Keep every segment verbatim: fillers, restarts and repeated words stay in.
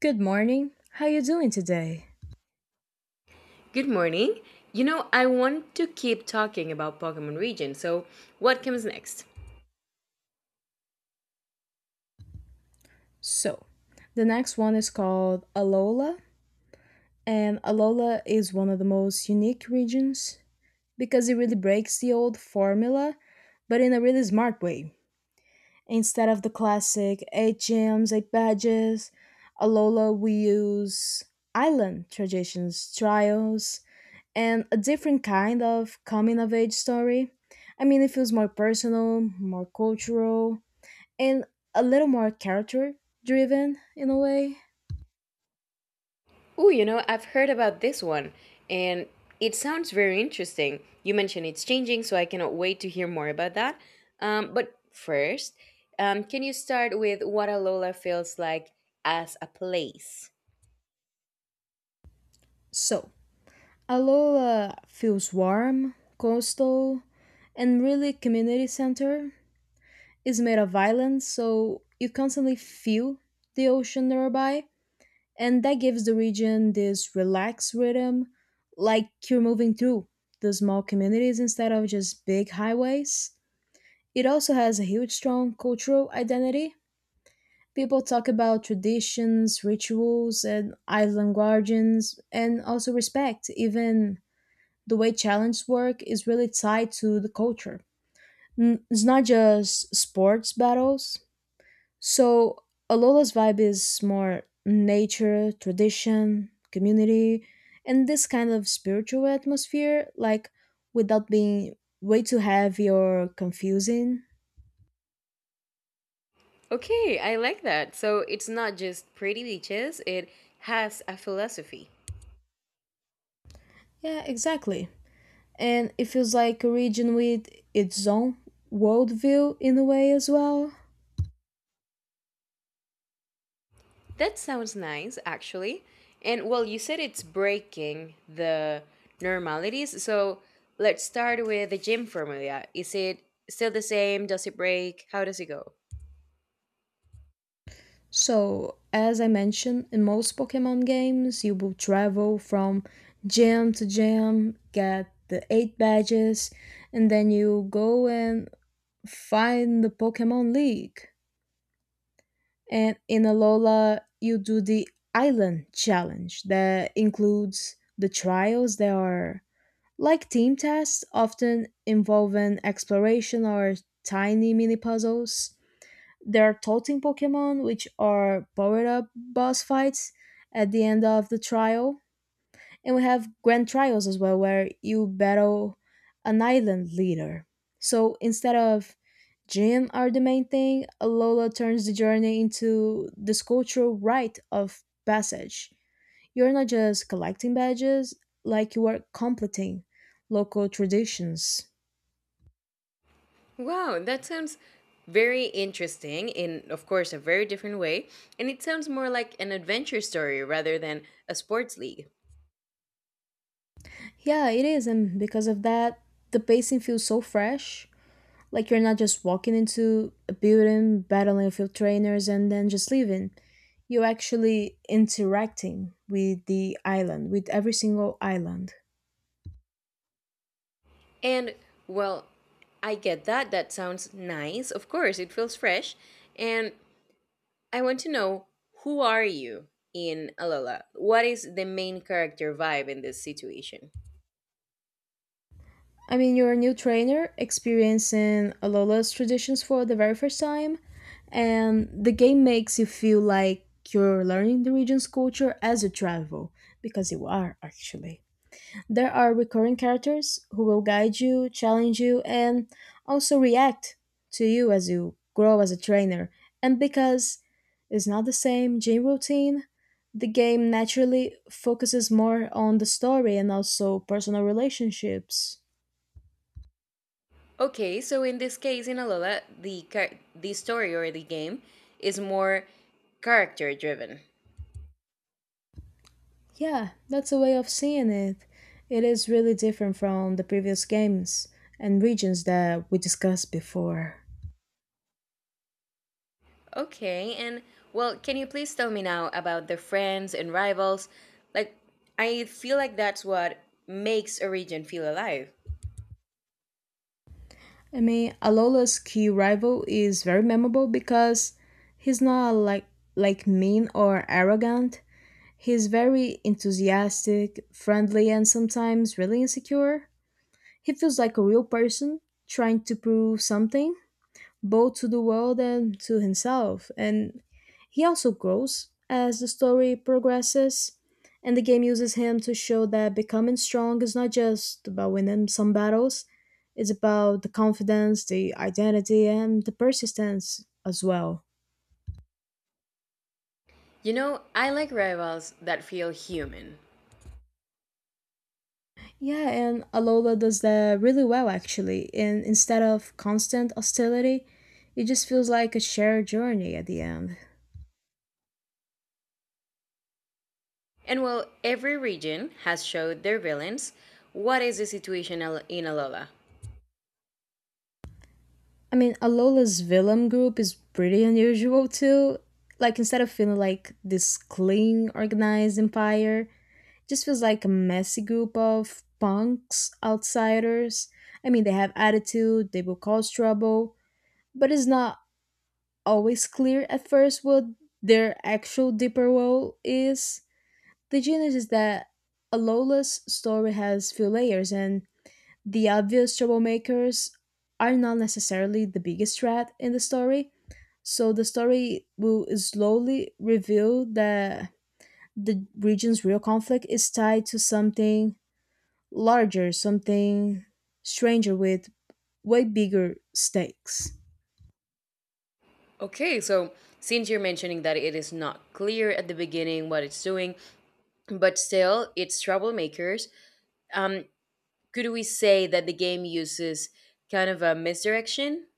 Good morning. How you doing today? Good morning. You know, I want to keep talking about Pokemon Region, so what comes next? So, the next one is called Alola, and Alola is one of the most unique regions because it really breaks the old formula, but in a really smart way. Instead of the classic eight gems, eight badges, Alola we use island traditions, trials, and a different kind of coming of age story. I mean, it feels more personal, more cultural, and a little more character driven in a way. Oh, you know, I've heard about this one, and it sounds very interesting. You mentioned it's changing, so I cannot wait to hear more about that. Um, but first, um, can you start with what Alola feels like as a place? So, Alola feels warm, coastal, and really community center. It's made of islands, so you constantly feel the ocean nearby, and that gives the region this relaxed rhythm, like you're moving through the small communities instead of just big highways. It also has a huge, strong cultural identity. People talk about traditions, rituals, and island guardians, and also respect. Even the way challenge work is really tied to the culture. N- It's not just sports battles. So Alola's vibe is more nature, tradition, community, and this kind of spiritual atmosphere, like without being way too heavy or confusing. Okay, I like that. So it's not just pretty beaches, it has a philosophy. Yeah, exactly, and it feels like a region with its own worldview in a way as well. That sounds nice, actually. And well, you said it's breaking the normalities. So let's start with the gym formula. Is it still the same? Does it break? How does it go? So, as I mentioned, in most Pokemon games, you will travel from gym to gym, get the eight badges, and then you go and find the Pokemon League. And in Alola, you do the island challenge that includes the trials, that are like team tests, often involving exploration or tiny mini puzzles. There are totem Pokemon, which are powered up boss fights at the end of the trial. And we have grand trials as well, where you battle an island leader. So instead of gym are the main thing, Alola turns the journey into this cultural rite of passage. You're not just collecting badges, like you are completing local traditions. Wow, that sounds very interesting in, of course, a very different way. And it sounds more like an adventure story rather than a sports league. Yeah, it is, and because of that, the pacing feels so fresh. Like you're not just walking into a building, battling a few trainers, and then just leaving. You're actually interacting with the island, with every single island. And well, I get that. That sounds nice. Of course, it feels fresh. And I want to know who are you in Alola? What is the main character vibe in this situation? I mean, you're a new trainer experiencing Alola's traditions for the very first time, and the game makes you feel like you're learning the region's culture as you travel, because you are actually. There are recurring characters who will guide you, challenge you, and also react to you as you grow as a trainer. And because it's not the same gym routine, the game naturally focuses more on the story and also personal relationships. Okay, so in this case in Alola, the char- the story or the game is more character driven. Yeah, that's a way of seeing it. It is really different from the previous games and regions that we discussed before. Okay, and well, can you please tell me now about the friends and rivals? Like I feel like that's what makes a region feel alive. I mean, Alola's key rival is very memorable because he's not like like mean or arrogant. He's very enthusiastic, friendly, and sometimes really insecure. He feels like a real person trying to prove something both to the world and to himself. And he also grows as the story progresses, and the game uses him to show that becoming strong is not just about winning some battles, it's about the confidence, the identity, and the persistence as well. You know, I like rivals that feel human. Yeah, and Alola does that really well actually. And instead of constant hostility, it just feels like a shared journey at the end. And well, every region has showed their villains. What is the situation in Alola? I mean, Alola's villain group is pretty unusual too. Like, instead of feeling like this clean, organized empire, it just feels like a messy group of punks, outsiders. I mean, they have attitude, they will cause trouble, but it's not always clear at first what their actual deeper role is. The genius is that Alola's story has few layers and the obvious troublemakers are not necessarily the biggest threat in the story, so the story will slowly reveal that the region's real conflict is tied to something larger, something stranger with way bigger stakes. Okay, so since you're mentioning that it is not clear at the beginning what it's doing, but still it's troublemakers, um, could we say that the game uses kind of a misdirection?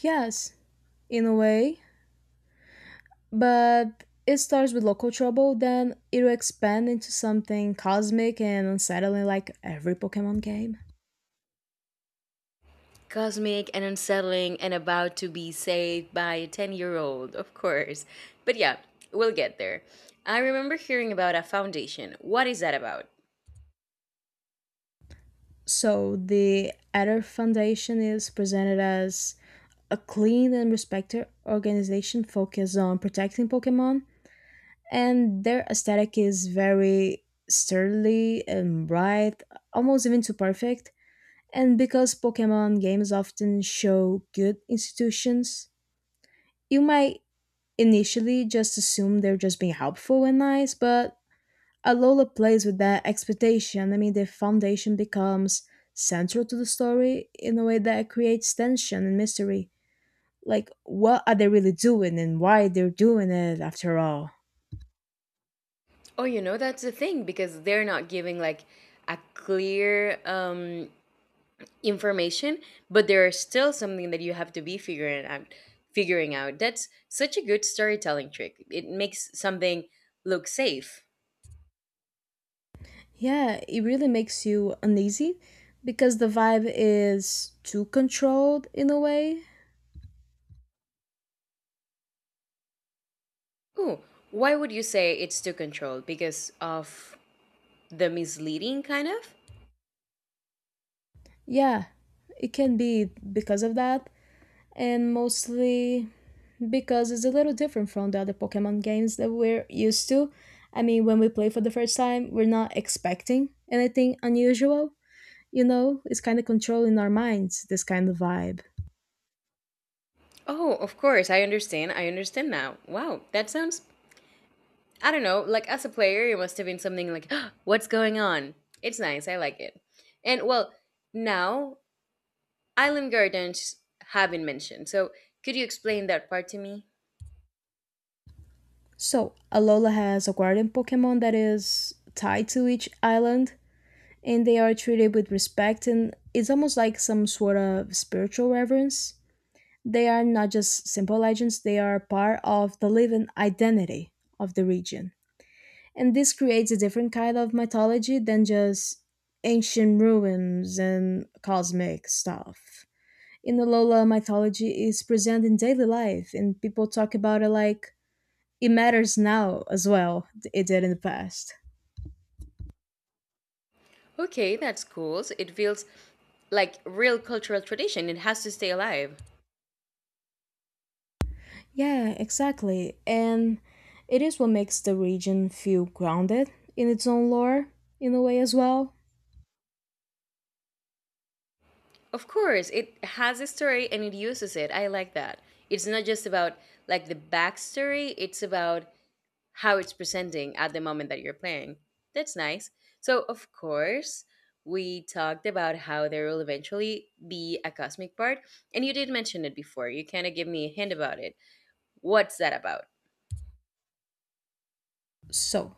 Yes, in a way, but it starts with local trouble, then it'll expand into something cosmic and unsettling like every Pokemon game. Cosmic and unsettling and about to be saved by a ten year old, of course. But yeah, we'll get there. I remember hearing about a foundation. What is that about? So the Adder Foundation is presented as a clean and respected organization focused on protecting Pokemon, and their aesthetic is very sturdy and bright, almost even too perfect. And because Pokemon games often show good institutions, you might initially just assume they're just being helpful and nice, but Alola plays with that expectation. I mean, the foundation becomes central to the story in a way that creates tension and mystery. Like, what are they really doing and why they're doing it after all? Oh, you know, that's the thing because they're not giving like a clear um, information, but there is still something that you have to be figuring out. Figuring out that's such a good storytelling trick. It makes something look safe. Yeah, it really makes you uneasy because the vibe is too controlled in a way. Ooh, why would you say it's too controlled? Because of the misleading kind of? Yeah, it can be because of that. And mostly because it's a little different from the other Pokemon games that we're used to. I mean, when we play for the first time, we're not expecting anything unusual. You know, it's kind of controlling our minds, this kind of vibe. Oh, of course. I understand. I understand now. Wow, that sounds, I don't know, like as a player, it must have been something like, what's going on? It's nice. I like it. And well, now island gardens have been mentioned. So could you explain that part to me? So, Alola has a guardian Pokemon that is tied to each island, and they are treated with respect, and it's almost like some sort of spiritual reverence. They are not just simple legends, they are part of the living identity of the region, and this creates a different kind of mythology than just ancient ruins and cosmic stuff. In the Lola mythology is present in daily life and people talk about it like it matters now as well it did in the past. Okay, that's cool. So it feels like real cultural tradition. It has to stay alive. Yeah, exactly. And it is what makes the region feel grounded in its own lore in a way as well. Of course, it has a story and it uses it. I like that. It's not just about like the backstory, it's about how it's presenting at the moment that you're playing. That's nice. So, of course, we talked about how there will eventually be a cosmic part, and you did mention it before. You kind of give me a hint about it. What's that about? So,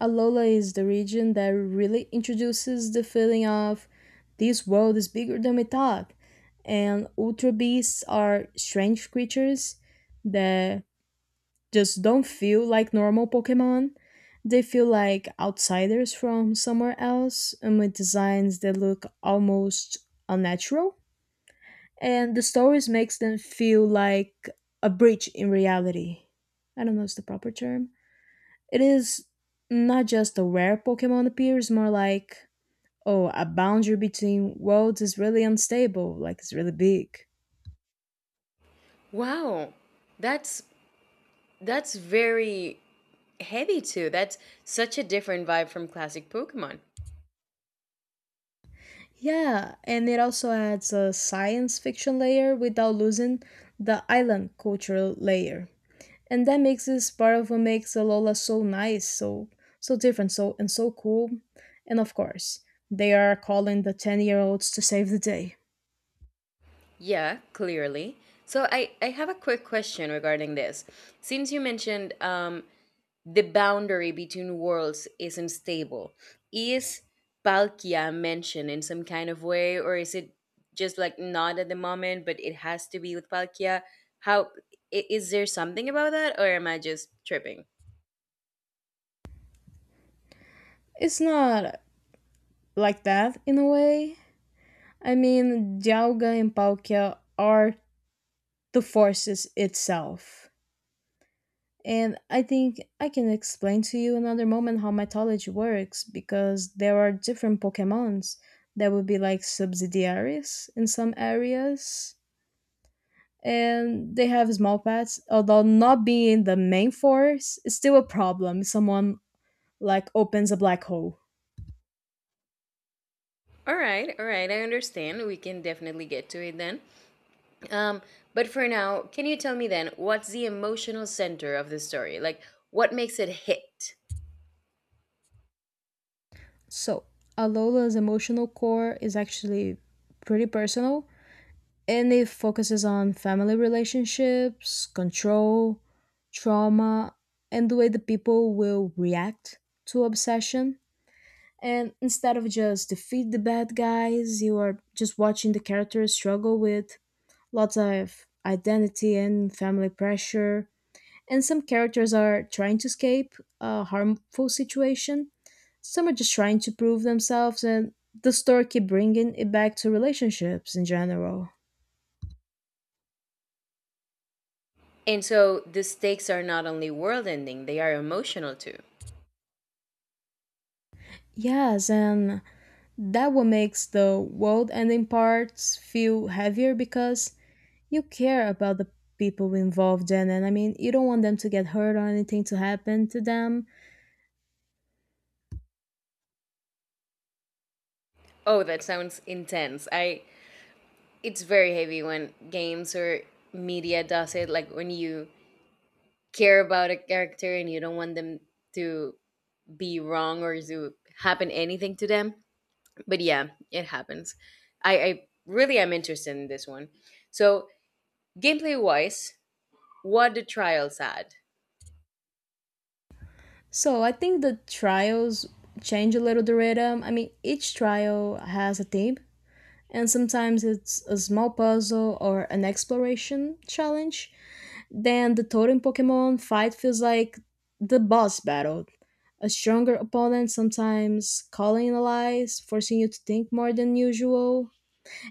Alola is the region that really introduces the feeling of this world is bigger than we thought, and Ultra Beasts are strange creatures that just don't feel like normal Pokemon. They feel like outsiders from somewhere else, and with designs that look almost unnatural. And the stories makes them feel like a breach in reality. I don't know if it's the proper term. It is not just a rare Pokemon appears, more like, oh, a boundary between worlds is really unstable, like it's really big. Wow, that's that's very heavy too. That's such a different vibe from classic Pokemon. Yeah, and it also adds a science fiction layer without losing the island cultural layer. And that makes this part of what makes Alola so nice, so so different, so and so cool. And of course, they are calling the ten year olds to save the day. Yeah, clearly. So I I have a quick question regarding this. Since you mentioned um the boundary between worlds isn't stable. Is Palkia mentioned in some kind of way, or is it just like not at the moment, but it has to be with Palkia? How i- is there something about that, or am I just tripping? It's not like that in a way. I mean, Dialga and Palkia are the forces itself. And I think I can explain to you another moment how mythology works because there are different Pokemons that would be like subsidiaries in some areas. And they have small paths, although not being the main force is still a problem, if someone like opens a black hole. All right, all right, I understand. We can definitely get to it then. Um, but for now, can you tell me then what's the emotional center of the story? Like, what makes it hit? So Alola's emotional core is actually pretty personal and it focuses on family relationships, control, trauma, and the way the people will react to obsession. And instead of just defeat the bad guys, you are just watching the characters struggle with lots of identity and family pressure. And some characters are trying to escape a harmful situation. Some are just trying to prove themselves, and the story keep bringing it back to relationships in general. And so the stakes are not only world ending, they are emotional too. Yes, and that what makes the world ending parts feel heavier because you care about the people involved in it. I mean, you don't want them to get hurt or anything to happen to them. Oh, that sounds intense. I It's very heavy when games or media does it, like when you care about a character and you don't want them to be wrong or to happen anything to them. But yeah, it happens. I, I really am interested in this one. So gameplay wise, what the trials add. So I think the trials change a little the rhythm. I mean, each trial has a theme, and sometimes it's a small puzzle or an exploration challenge. Then the totem Pokemon fight feels like the boss battle. A stronger opponent sometimes calling in allies, forcing you to think more than usual.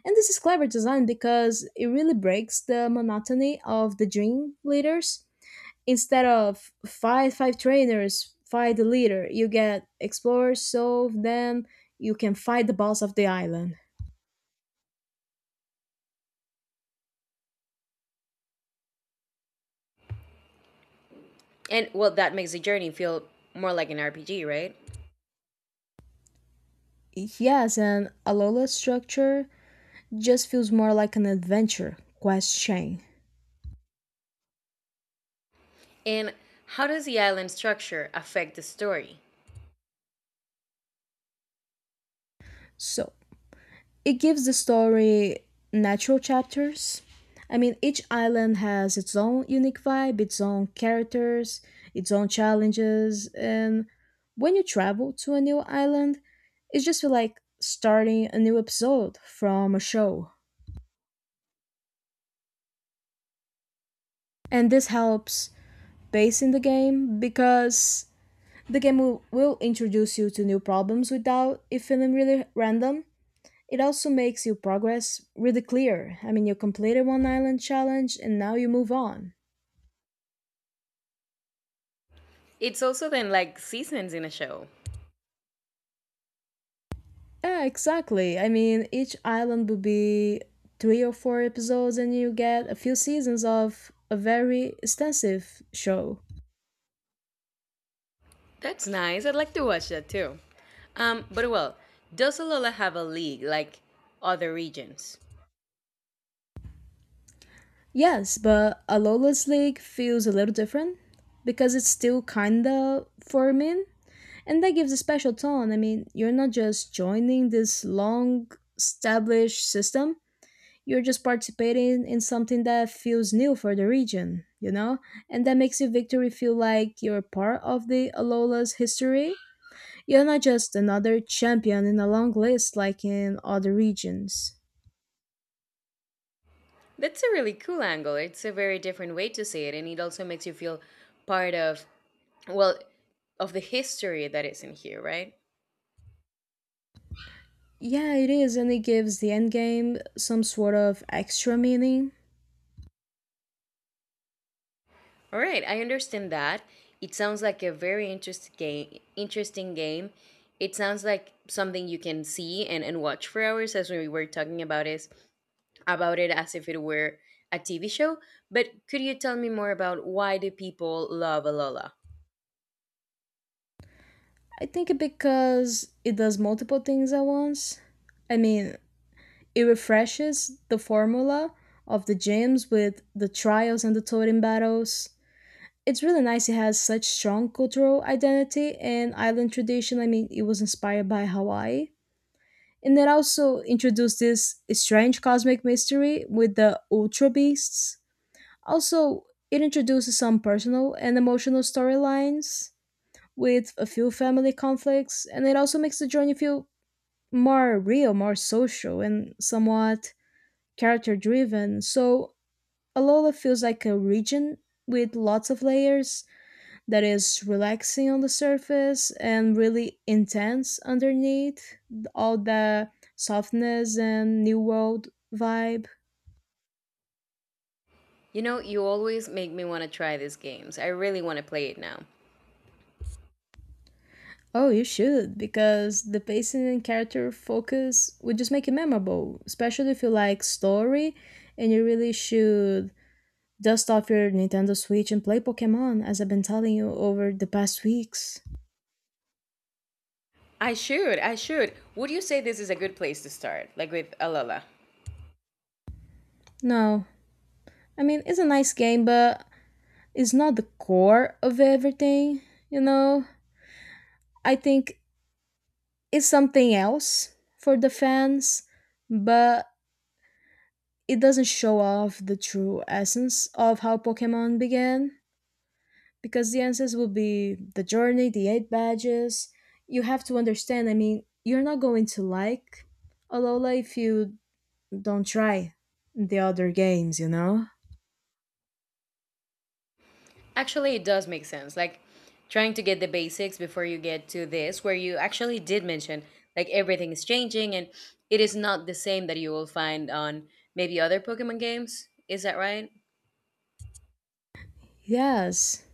And this is clever design because it really breaks the monotony of the dream leaders. Instead of fight five trainers, fight the leader, you get explore, solve, then you can fight the boss of the island. And well, that makes the journey feel more like an R P G, right? Yes, and Alola's structure just feels more like an adventure quest chain. And how does the island structure affect the story? So it gives the story natural chapters. I mean, each island has its own unique vibe, its own characters, its own challenges, and when you travel to a new island, it just feels like starting a new episode from a show. And this helps pacing the game because the game will, will introduce you to new problems without it feeling really random. It also makes your progress really clear. I mean, you completed one island challenge and now you move on. It's also then like seasons in a show. Yeah, exactly. I mean, each island would be three or four episodes, and you get a few seasons of a very extensive show. That's nice. I'd like to watch that too. Um, but well, does Alola have a league like other regions? Yes, but a Lawless League feels a little different because it's still kinda forming, and that gives a special tone. I mean, you're not just joining this long established system. You're just participating in something that feels new for the region, you know? And that makes your victory feel like you're part of the Alola's history. You're not just another champion in a long list like in other regions. That's a really cool angle. It's a very different way to see it, and it also makes you feel part of, well, of the history that is in here, right? Yeah, it is, and it gives the endgame some sort of extra meaning. All right, I understand that. It sounds like a very interesting game. Interesting game. It sounds like something you can see and, and watch for hours, as we were talking about is about it as if it were a T V show, but could you tell me more about why do people love Alola? I think because it does multiple things at once. I mean, it refreshes the formula of the gyms with the trials and the totem battles. It's really nice, it has such strong cultural identity and island tradition. I mean, it was inspired by Hawaii. And it also introduced this strange cosmic mystery with the Ultra Beasts. Also, it introduces some personal and emotional storylines with a few family conflicts, and it also makes the journey feel more real, more social, and somewhat character driven. So, Alola feels like a region with lots of layers that is relaxing on the surface and really intense underneath all the softness and new world vibe. You know, you always make me want to try these games. I really want to play it now. Oh, you should, because the pacing and character focus would just make it memorable, especially if you like story, and you really should dust off your Nintendo Switch and play Pokemon as I've been telling you over the past weeks. I should, I should. Would you say this is a good place to start, like with Alola? No, I mean, it's a nice game, but it's not the core of everything, you know? I think is something else for the fans, but it doesn't show off the true essence of how Pokemon began because the answers will be the journey, the eight badges. You have to understand, I mean, you're not going to like Alola if you don't try the other games, you know? Actually, it does make sense. Like trying to get the basics before you get to this, where you actually did mention like everything is changing and it is not the same that you will find on maybe other Pokemon games. Is that right? Yes,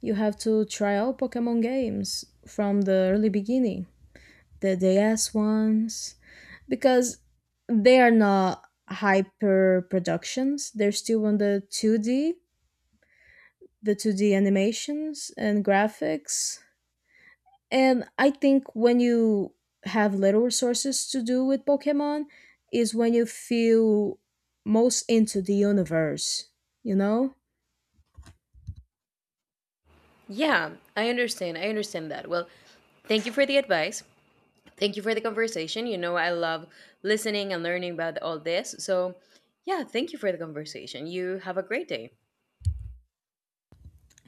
you have to try all Pokemon games from the early beginning, the D S ones, because they are not hyper productions. They're still on the two D, the two D animations and graphics. And I think when you have little resources to do with Pokemon is when you feel most into the universe, you know? Yeah, I understand. I understand that. Well, thank you for the advice. Thank you for the conversation. You know, I love listening and learning about all this. So, yeah, thank you for the conversation. You have a great day.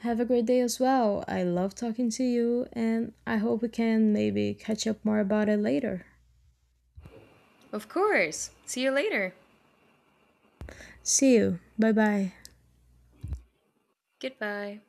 Have a great day as well. I love talking to you and I hope we can maybe catch up more about it later. Of course. See you later. See you. Bye bye. Goodbye.